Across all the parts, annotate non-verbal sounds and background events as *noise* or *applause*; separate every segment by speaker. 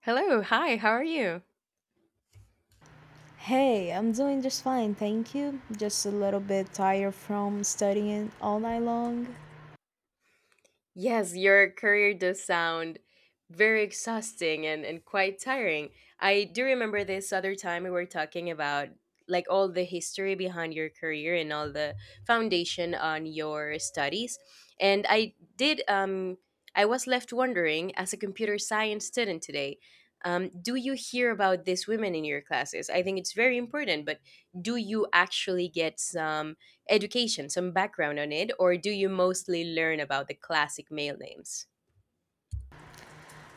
Speaker 1: Hello, hi, how are you?
Speaker 2: Hey, I'm doing just fine, thank you. Just a little bit tired from studying all night long.
Speaker 1: Yes, your career does sound very exhausting and quite tiring. I do remember this other time we were talking about like all the history behind your career and all the foundation on your studies. And I did I was left wondering as a computer science student today. Do you hear about these women in your classes? I think it's very important, but do you actually get some education, some background on it, or do you mostly learn about the classic male names?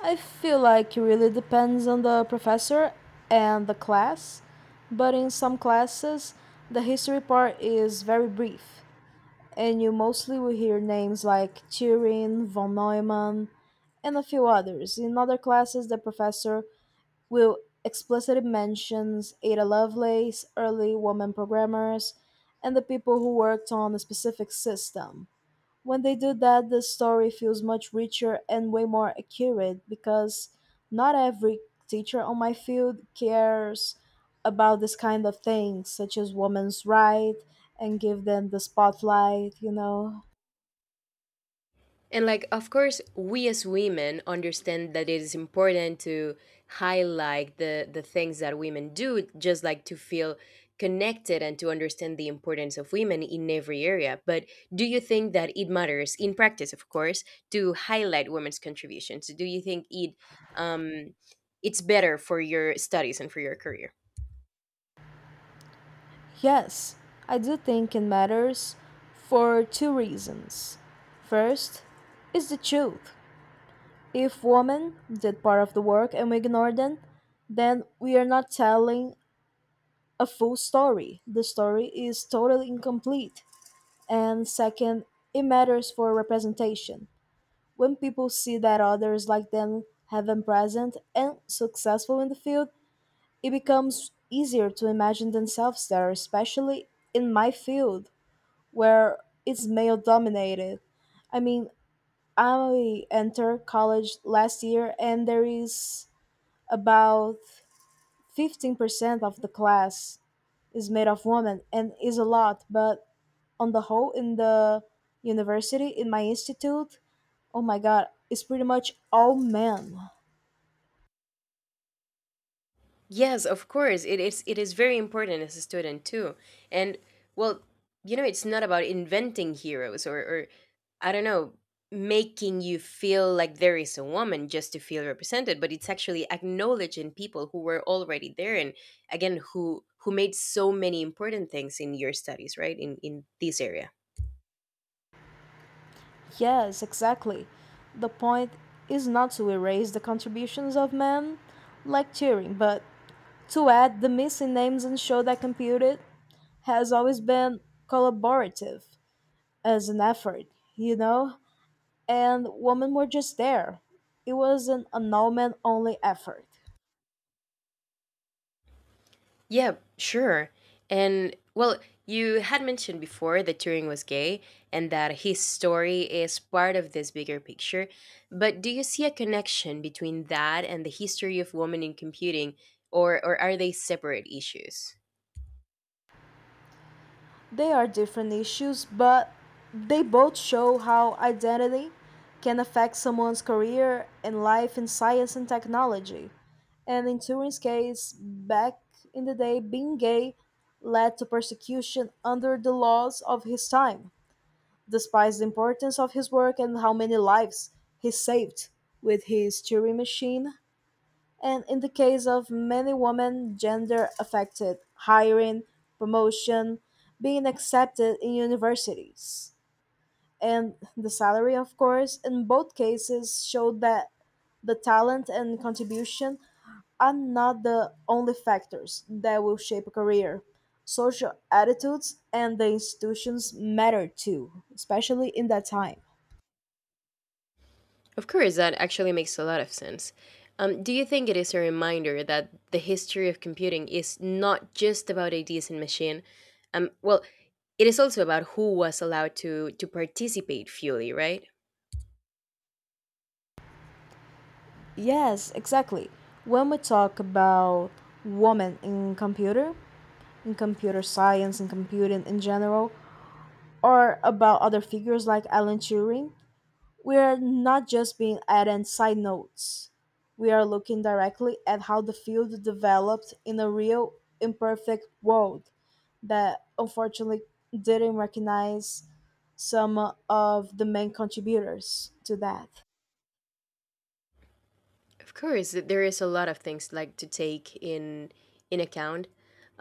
Speaker 2: I feel like it really depends on the professor and the class, but in some classes, the history part is very brief, and you mostly will hear names like Turing, von Neumann, and a few others. In other classes, the professor will explicitly mentions Ada Lovelace, early woman programmers, and the people who worked on a specific system. When they do that, the story feels much richer and way more accurate because not every teacher on my field cares about this kind of things, such as women's right and give them the spotlight.
Speaker 1: And, like, of course, we as women understand that it is important to highlight the things that women do, just like to feel connected and to understand the importance of women in every area. But do you think that it matters in practice, of course, to highlight women's contributions? Do you think um, it's better for your studies and for your career?
Speaker 2: Yes, I do think it matters for two reasons. First, is the truth. If women did part of the work and we ignore them, then we are not telling a full story. The story is totally incomplete. And second, it matters for representation. When people see that others like them have been present and successful in the field, it becomes easier to imagine themselves there, especially in my field where it's male dominated. I mean, I entered college last year and there is about 15% of the class is made of women and is a lot, but on the whole, in the university, in my institute, oh my god, it's pretty much all men.
Speaker 1: Yes, of course. It is very important as a student too. And, well, it's not about inventing heroes, or, I don't know, making you feel like there is a woman just to feel represented, but it's actually acknowledging people who were already there, and again, who made so many important things in your studies, right? In this area.
Speaker 2: Yes, exactly. The point is not to erase the contributions of men like Turing, but to add the missing names and show that computing has always been collaborative as an effort, you know? And women were just there. It was an annulment only effort.
Speaker 1: Yeah, sure. And, well, you had mentioned before that Turing was gay and that his story is part of this bigger picture. But do you see a connection between that and the history of women in computing, or are they separate issues?
Speaker 2: They are different issues, but they both show how identity can affect someone's career and life in science and technology. And in Turing's case, back in the day, being gay led to persecution under the laws of his time, despite the importance of his work and how many lives he saved with his Turing machine and in the case of many women, gender affected hiring, promotion, being accepted in universities. And the salary, of course, in both cases showed that the talent and contribution are not the only factors that will shape a career. Social attitudes and the institutions matter too, especially in that time.
Speaker 1: Of course, that actually makes a lot of sense. Do you think it is a reminder that the history of computing is not just about ideas and machine? Well, it is also about who was allowed to participate fully, right?
Speaker 2: Yes, exactly. When we talk about women in computer science and computing in general, or about other figures like Alan Turing, we are not just being added side notes. We are looking directly at how the field developed in a real, imperfect world that unfortunately didn't recognize some of the main contributors to that.
Speaker 1: Of course, there is a lot of things like to take in account.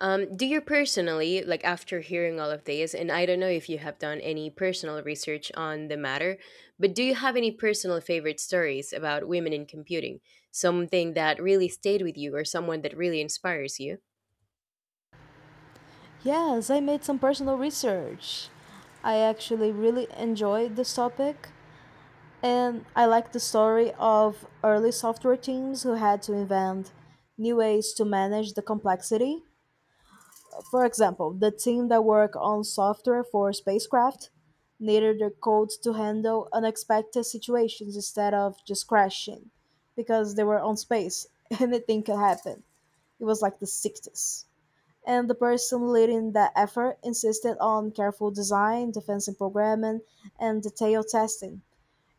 Speaker 1: Do you personally, like, after hearing all of this, and I don't know if you have done any personal research on the matter, but do you have any personal favorite stories about women in computing? Something that really stayed with you, or someone that really inspires you?
Speaker 2: Yes, I made some personal research. I actually really enjoyed this topic, and I like the story of early software teams who had to invent new ways to manage the complexity. For example, the team that worked on software for spacecraft needed their code to handle unexpected situations instead of just crashing because they were on space. *laughs* Anything could happen. It was like the 60s. And the person leading that effort insisted on careful design, defensive programming, and detailed testing.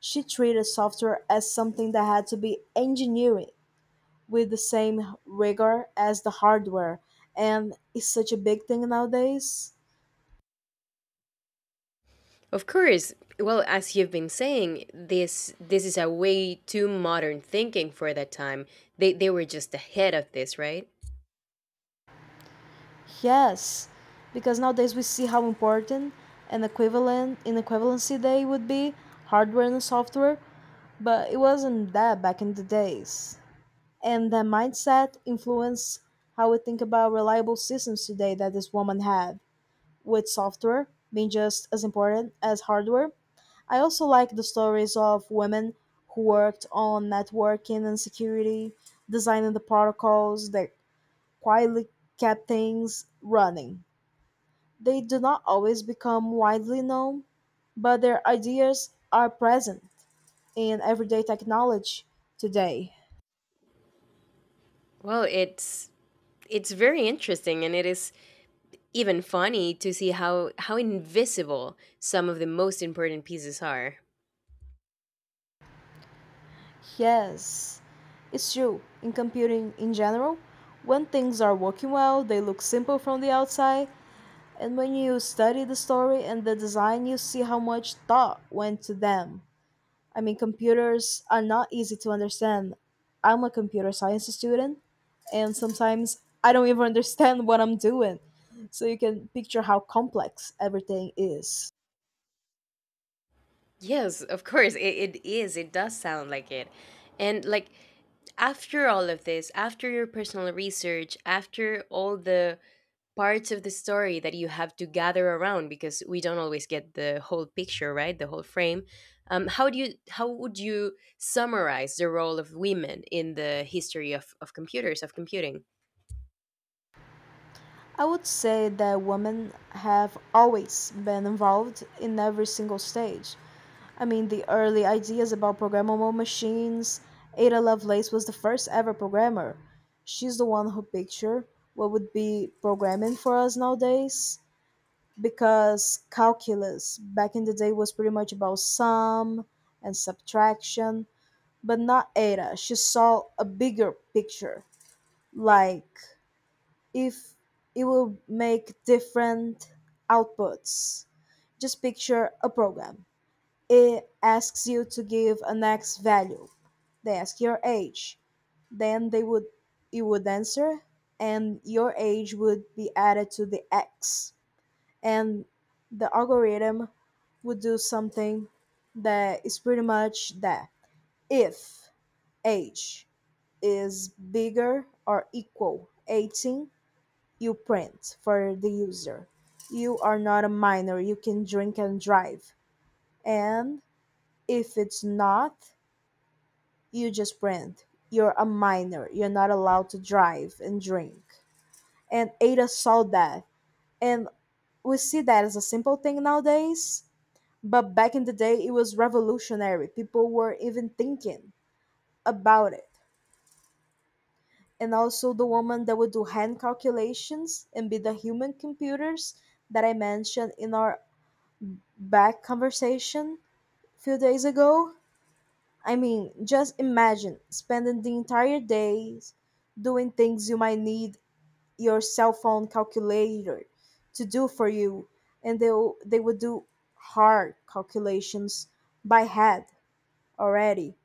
Speaker 2: She treated software as something that had to be engineered with the same rigor as the hardware, and it's such a big thing nowadays.
Speaker 1: Of course. Well, as you've been saying, this is a way too modern thinking for that time. They were just ahead of this, right?
Speaker 2: Yes, because nowadays we see how important an equivalent in equivalency day would be hardware and software, but it wasn't that back in the days. And that mindset influenced how we think about reliable systems today that this woman had, with software being just as important as hardware. I also like the stories of women who worked on networking and security, designing the protocols that quietly kept things running. They do not always become widely known, but their ideas are present in everyday technology today.
Speaker 1: Well, it's very interesting, and it is even funny to see how invisible some of the most important pieces are.
Speaker 2: Yes, it's true. In computing in general, when things are working well, they look simple from the outside, and when you study the story and the design, you see how much thought went to them. I mean, computers are not easy to understand. I'm a computer science student, and sometimes I don't even understand what I'm doing. So you can picture how complex everything is.
Speaker 1: Yes, of course, it does sound like it. And, like, after all of this, after your personal research, after all the parts of the story that you have to gather around, because we don't always get the whole picture, right? The whole frame. How would you summarize the role of women in the history of computers, of computing?
Speaker 2: I would say that women have always been involved in every single stage. I mean, the early ideas about programmable machines. Ada Lovelace was the first ever programmer. She's the one who pictured what would be programming for us nowadays. Because calculus back in the day was pretty much about sum and subtraction, but not Ada. She saw a bigger picture. Like, if it will make different outputs, just picture a program. It asks you to give an X value. They ask your age. Then they would, you would answer and your age would be added to the X. And the algorithm would do something that is pretty much that. If age is bigger or equal 18, you print for the user, you are not a minor, you can drink and drive, and if it's not, you just brand. You're a minor. You're not allowed to drive and drink. And Ada saw that. And we see that as a simple thing nowadays. But back in the day, it was revolutionary. People were even thinking about it. And also the woman that would do hand calculations and be the human computers that I mentioned in our back conversation a few days ago. I mean, just imagine spending the entire day doing things you might need your cell phone calculator to do for you and they would do hard calculations by head already,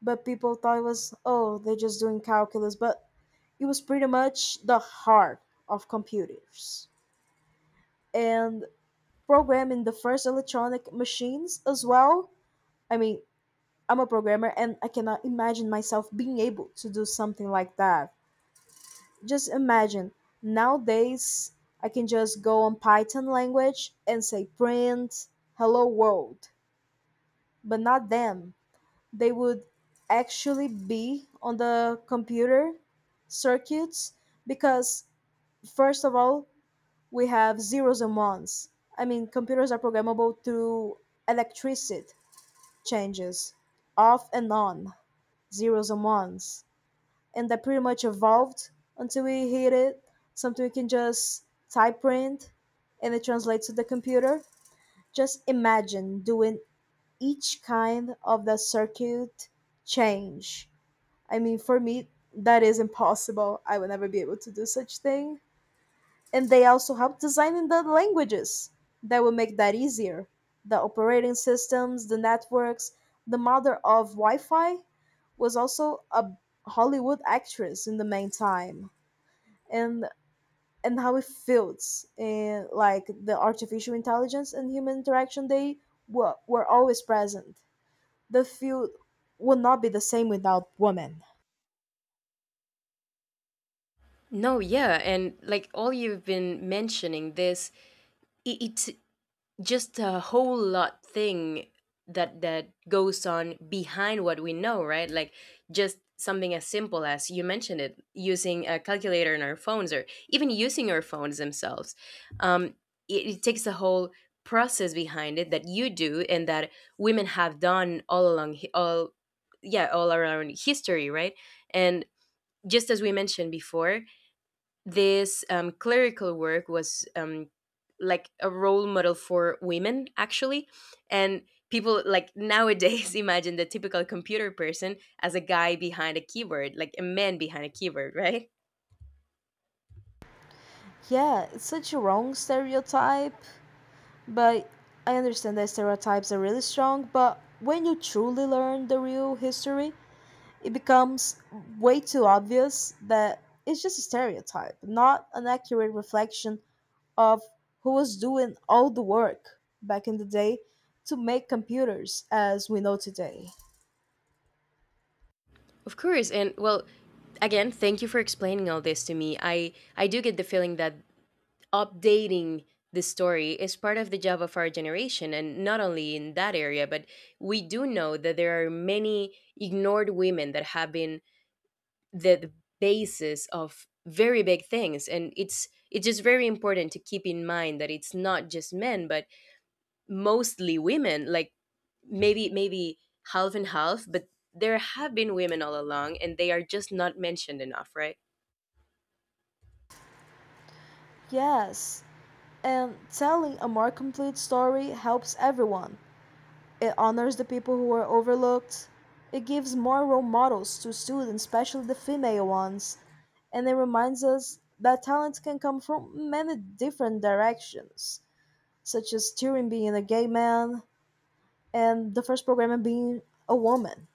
Speaker 2: but people thought it was, oh, they're just doing calculus, but it was pretty much the heart of computers and programming the first electronic machines as well. I mean, I'm a programmer and I cannot imagine myself being able to do something like that. Just imagine, nowadays I can just go on Python language and say print hello world, but not them. They would actually be on the computer circuits because first of all, we have zeros and ones. I mean, computers are programmable through electricity changes, off and on, zeros and ones, and that pretty much evolved until we hit it, something we can just type print and it translates to the computer. Just imagine doing each kind of the circuit change. I mean, for me that is impossible, I would never be able to do such thing. And they also help designing the languages that will make that easier, the operating systems, the networks. The mother of wi-fi was also a Hollywood actress in the meantime. and and how it feels and like the artificial intelligence and human interaction, they were always present. The field would not be the same without women.
Speaker 1: No, yeah, and, like, all you've been mentioning, this I it's just a whole lot thing that goes on behind what we know, right? Like, just something as simple as you mentioned it, using a calculator in our phones, or even using our phones themselves. Um, it takes a whole process behind it that you do, and that women have done all along, hi- all yeah, all around history, right? And just as we mentioned before, this, clerical work was, like, a role model for women, actually. And people, like, nowadays *laughs* imagine the typical computer person as a guy behind a keyboard, like a man behind a keyboard, right?
Speaker 2: Yeah, it's such a wrong stereotype. But I understand that stereotypes are really strong, but when you truly learn the real history, it becomes way too obvious that it's just a stereotype, not an accurate reflection of who was doing all the work back in the day to make computers as we know today.
Speaker 1: Of course. And, well, again, thank you for explaining all this to me. I do get the feeling that updating the story is part of the job of our generation, and not only in that area, but we do know that there are many ignored women that have been the basis of very big things, and it's just very important to keep in mind that it's not just men, but mostly women. Like, maybe half and half, but there have been women all along and they are just not mentioned enough, right?
Speaker 2: Yes, and telling a more complete story helps everyone. It honors the people who were overlooked. It gives more role models to students, especially the female ones. And it reminds us that talent can come from many different directions, such as Turing being a gay man and the first programmer being a woman.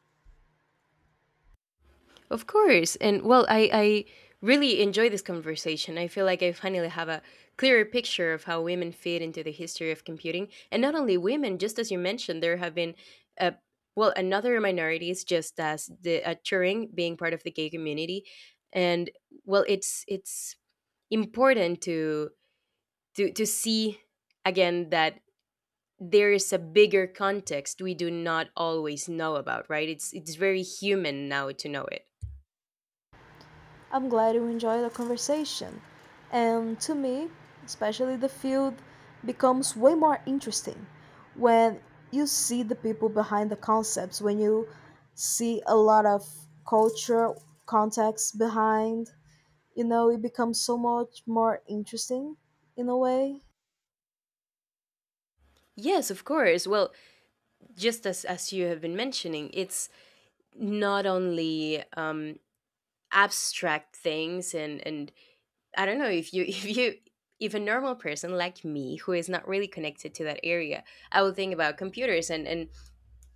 Speaker 1: Of course. And, well, I really enjoy this conversation. I feel like I finally have a clearer picture of how women fit into the history of computing. And not only women, just as you mentioned, there have been, uh, well, another minorities, just as the Turing being part of the gay community. And, well, it's important to see again that there is a bigger context we do not always know about, right? It's very human now to know it.
Speaker 2: I'm glad you enjoy the conversation. And to me, especially the field becomes way more interesting when you see the people behind the concepts, when you see a lot of culture, context behind, you know, it becomes so much more interesting in a way.
Speaker 1: Yes, of course. Well, just as you have been mentioning, it's not only abstract things, and I don't know if you *laughs* if a normal person like me who is not really connected to that area, I will think about computers, and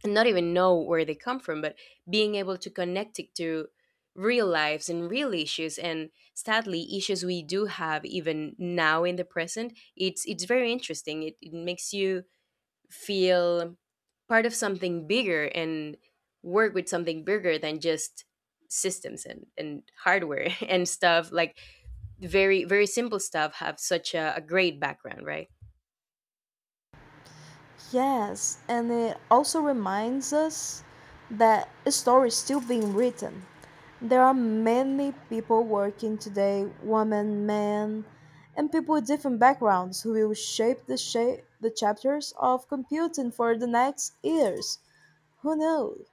Speaker 1: not even know where they come from, but being able to connect it to real lives and real issues, and sadly issues we do have even now in the present, it's very interesting. It makes you feel part of something bigger and work with something bigger than just systems and hardware *laughs* and stuff. Like, very very simple stuff have such a great background, right?
Speaker 2: Yes, and it also reminds us that a story is still being written. There are many people working today, women, men, and people with different backgrounds who will shape the chapters of computing for the next years. Who knows?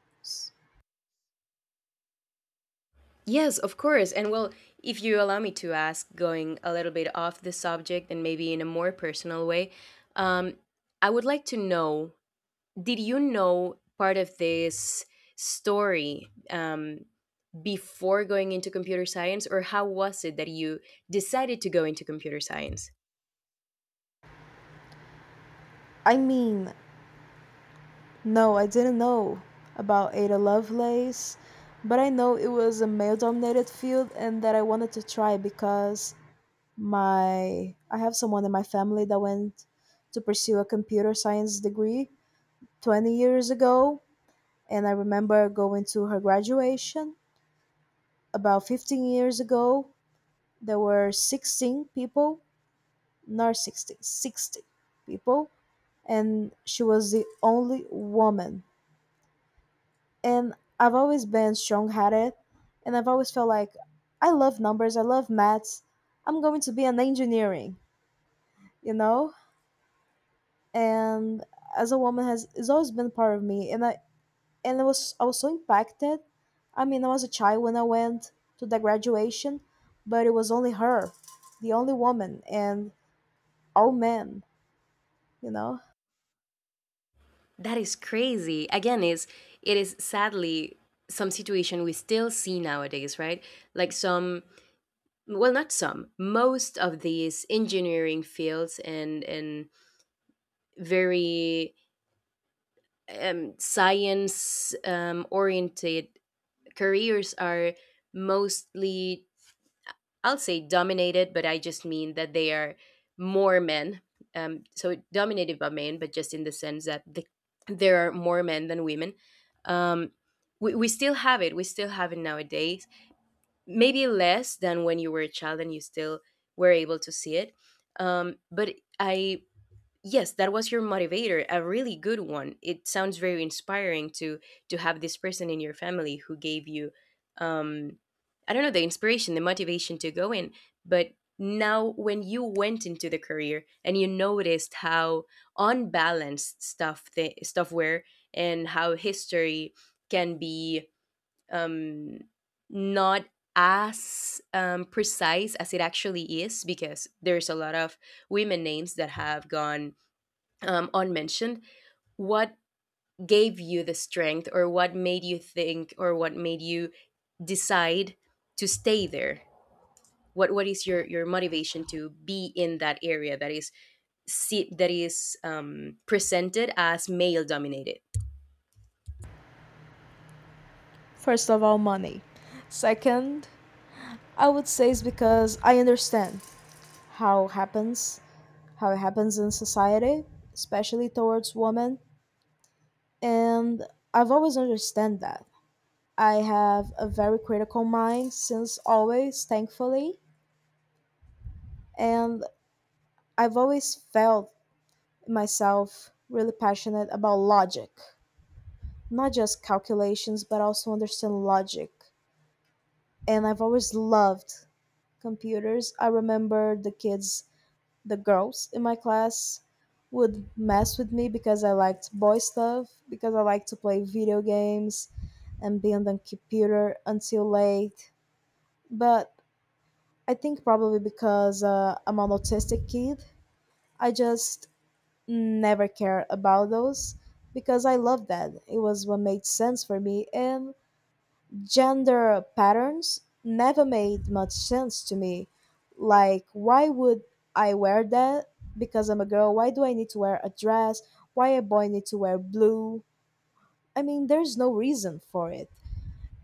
Speaker 1: Yes, of course. And, well, if you allow me to ask, going a little bit off the subject and maybe in a more personal way, um, I would like to know, did you know part of this story, before going into computer science, or how was it that you decided to go into computer science?
Speaker 2: I mean, no, I didn't know about Ada Lovelace, but I know it was a male dominated field and that I wanted to try because my I have someone in my family that went to pursue a computer science degree 20 years ago and I remember going to her graduation about 15 years ago. There were 16 people, not 16, 60 people, and she was the only woman. And I've always been strong headed, and I've always felt like I love numbers, I love maths, I'm going to be an engineering, you know? And as a woman has always been part of me, and I was so impacted. I mean, I was a child when I went to the graduation, but it was only her, the only woman, and all men. You know,
Speaker 1: That is crazy. Again, is it is sadly some situation we still see nowadays, right? Like, some, well, not some, most of these engineering fields, and very, science, oriented careers are mostly, I'll say, dominated, but I just mean that they are more men. So, dominated by men, but just in the sense that there are more men than women. Um, we still have it. We still have it nowadays. Maybe less than when you were a child, and you still were able to see it. But I Yes, that was your motivator. A really good one. It sounds very inspiring to have this person in your family who gave you, um I don't know, the inspiration, the motivation to go in. But now when you went into the career and you noticed how unbalanced stuff the stuff were, and how history can be, um not as, precise as it actually is, because there's a lot of women names that have gone, unmentioned. What gave you the strength, or what made you think, or what made you decide to stay there? What is your motivation to be in that area that is, see, that is, presented as male dominated?
Speaker 2: first of all, money. Second, I would say it's because I understand how happens, how it happens in society, especially towards women, and I've always understand that. I have a very critical mind since always, thankfully, and I've always felt myself really passionate about logic, not just calculations, but also understand logic. And I've always loved computers. I remember the kids, the girls in my class would mess with me because I liked boy stuff, because I liked to play video games and be on the computer until late. But I think probably because I'm an autistic kid, I just never cared about those because I loved that. It was what made sense for me, and gender patterns never made much sense to me. Like, why would I wear that because I'm a girl? Why do I need to wear a dress? Why a boy need to wear blue? I mean, there's no reason for it.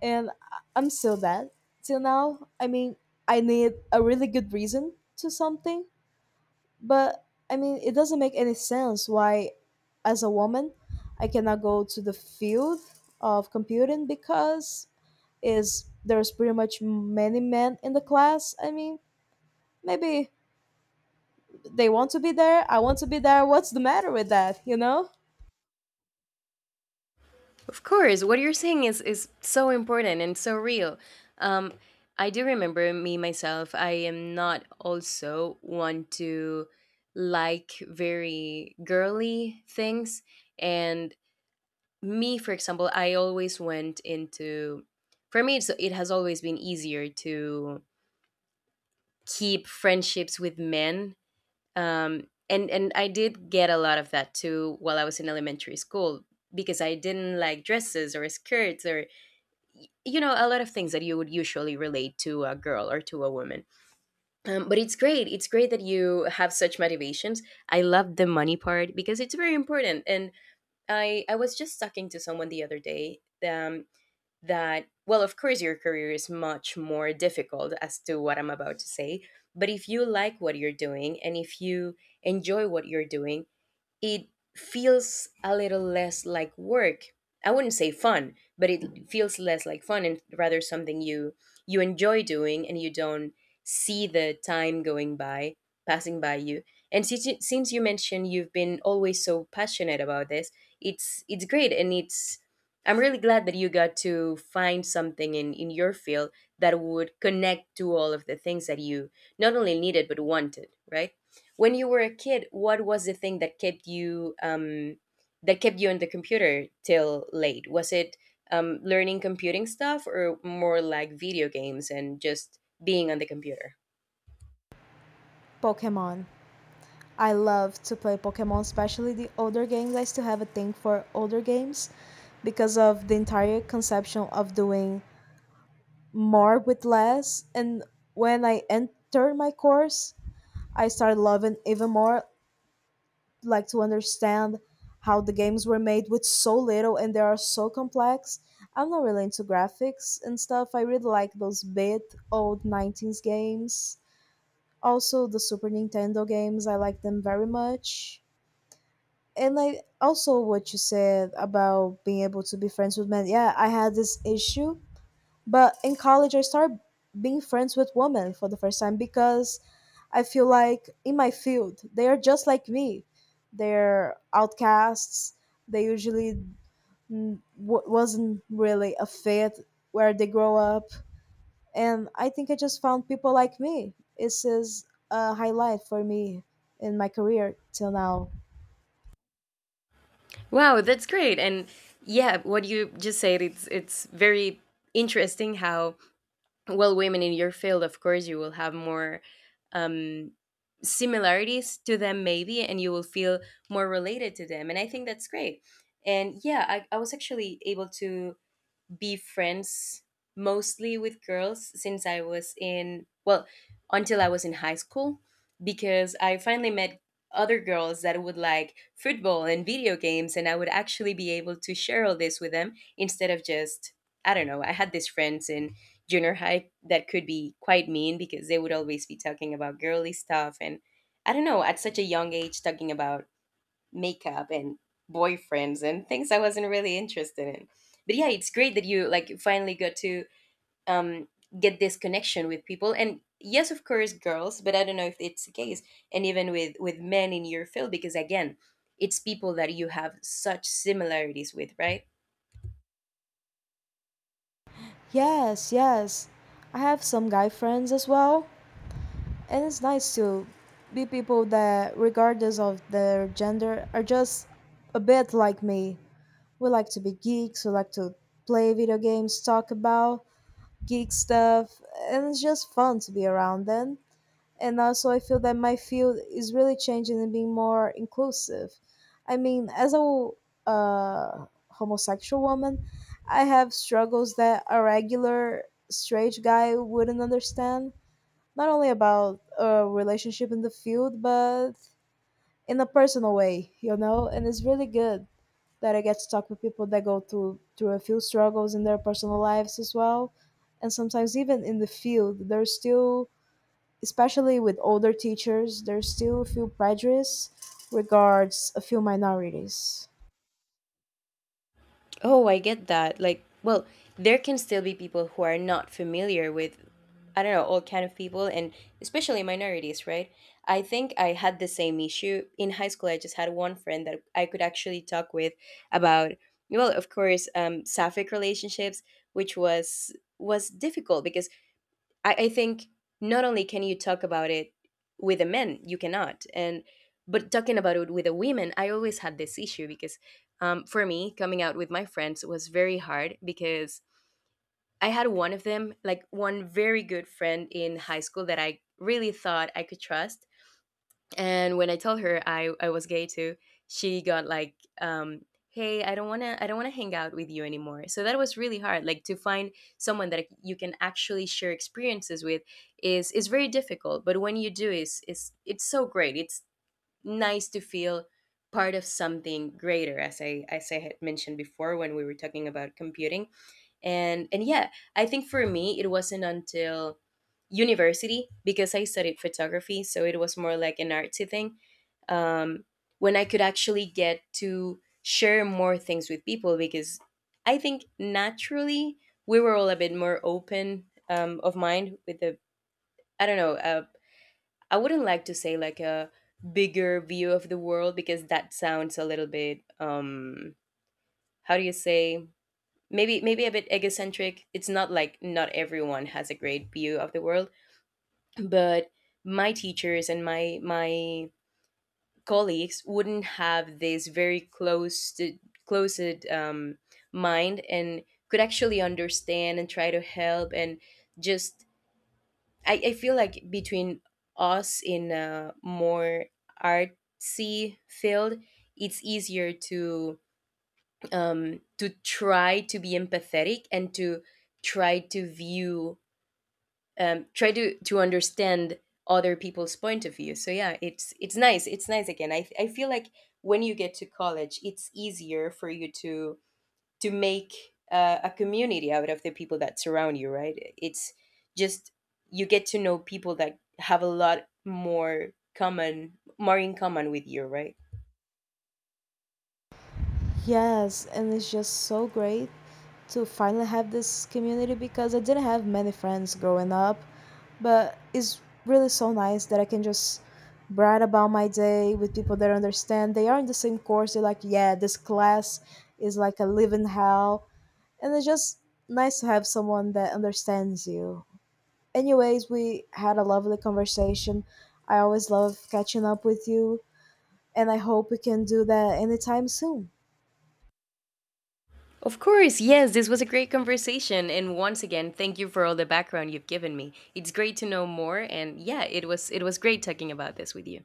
Speaker 2: I'm still that till now. I mean, I need a really good reason to something, but I mean, it doesn't make any sense why, as a woman, I cannot go to the field of computing because is there's pretty much many men in the class. I mean, maybe they want to be there. I want to be there. What's the matter with that?
Speaker 1: Of course, what you're saying is so important and so real. Um, I do remember me myself. I am not also one to, like, very girly things, and, me, for example, I always went into for me, it has always been easier to keep friendships with men, and I did get a lot of that too while I was in elementary school, because I didn't like dresses or skirts, or you know, a lot of things that you would usually relate to a girl or to a woman. But it's great that you have such motivations. I love the money part, because it's very important. And I was just talking to someone the other day, um, that, well, of course your career is much more difficult as to what I'm about to say, but if you like what you're doing, and if you enjoy what you're doing, it feels a little less like work. I wouldn't say fun, but it feels less like fun and rather something you enjoy doing, and you don't see the time going by, passing by you. And since you mentioned you've been always so passionate about this, it's great, and it's I'm really glad that you got to find something in your field that would connect to all of the things that you not only needed but wanted, right? When you were a kid, what was the thing that kept you on the computer till late? Was it, learning computing stuff, or more like video games and just being on the computer?
Speaker 2: Pokemon. I love to play Pokemon, especially the older games. I still have a thing for older games because of the entire conception of doing more with less. And when I entered my course, I started loving even more, like to understand how the games were made with so little and they are so complex. I'm not really into graphics and stuff. I really like those bit old 90s games. Also, the Super Nintendo games, I like them very much. And I also what you said about being able to be friends with men. Yeah, I had this issue, but in college, I started being friends with women for the first time because I feel like in my field, they are just like me. They're outcasts. They usually wasn't really a fit where they grow up. And I think I just found people like me. This is a highlight for me in my career till now.
Speaker 1: Wow, that's great. And yeah, what you just said, it's very interesting. How, well, women in your field, of course, you will have more, um, similarities to them maybe, and you will feel more related to them. And I think that's great. And yeah, I was actually able to be friends mostly with girls since I was in, well, until I was in high school, because I finally met other girls that would like football and video games, and I would actually be able to share all this with them instead of just, I don't know. I had these friends in junior high that could be quite mean because they would always be talking about girly stuff, and I don't know, at such a young age, talking about makeup and boyfriends and things I wasn't really interested in. But yeah, it's great that you like finally got to um, get this connection with people. And yes, of course, girls, but I don't know if it's the case. And even with men in your field, because again, it's people that you have such similarities with, right?
Speaker 2: Yes, yes. I have some guy friends as well, and it's nice to be people that, regardless of their gender, are just a bit like me. We like to be geeks, we like to play video games, talk about geek stuff, and it's just fun to be around them. And also, I feel that my field is really changing and being more inclusive. I mean, as a homosexual woman, I have struggles that a regular straight guy wouldn't understand, not only about a relationship in the field, but in a personal way, you know. And it's really good that I get to talk with people that go through a few struggles in their personal lives as well, and sometimes even in the field, there's still, especially with older teachers, there's still a few prejudice regards a few minorities.
Speaker 1: Oh, I get that. Like, well, there can still be people who are not familiar with, I don't know, all kind of people, and especially minorities, right? I think I had the same issue in high school. I just had one friend that I could actually talk with about, well, of course, sapphic relationships, which was difficult because I think not only can you talk about it with the men, you cannot. And but talking about it with the women, I always had this issue because for me, coming out with my friends was very hard because I had one of them, like one very good friend in high school that I really thought I could trust. And when I told her I was gay too, she got like, um, "Hey, I don't wanna hang out with you anymore." So that was really hard. Like, to find someone that you can actually share experiences with is very difficult. But when you do, is it's so great. It's nice to feel part of something greater, as I had mentioned before when we were talking about computing. And yeah, I think for me it wasn't until university, because I studied photography, so it was more like an artsy thing, um, when I could actually get to share more things with people, because I think naturally we were all a bit more open of mind with the, I don't know, I wouldn't like to say like a bigger view of the world, because that sounds a little bit, how do you say, maybe a bit egocentric. It's not like not everyone has a great view of the world, but my teachers and my colleagues wouldn't have this very closed mind, and could actually understand and try to help. And just, I feel like between us in a more artsy field, it's easier to try to be empathetic and to try to view, try to understand other people's point of view. So yeah, it's nice. It's nice again. I feel like when you get to college, it's easier for you to make a community out of the people that surround you, right? It's just, you get to know people that have a lot more common more in common with you, right?
Speaker 2: Yes, and it's just so great to finally have this community because I didn't have many friends growing up, but it's really so nice that I can just brag about my day with people that understand. They are in the same course. They're like, yeah, this class is like a living hell, and it's just nice to have someone that understands you. Anyways, we had a lovely conversation. I always love catching up with you, and I hope we can do that anytime soon.
Speaker 1: Of course, yes, this was a great conversation. And once again, thank you for all the background you've given me. It's great to know more. And yeah, it was great talking about this with you.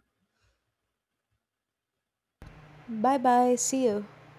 Speaker 2: Bye bye. See you.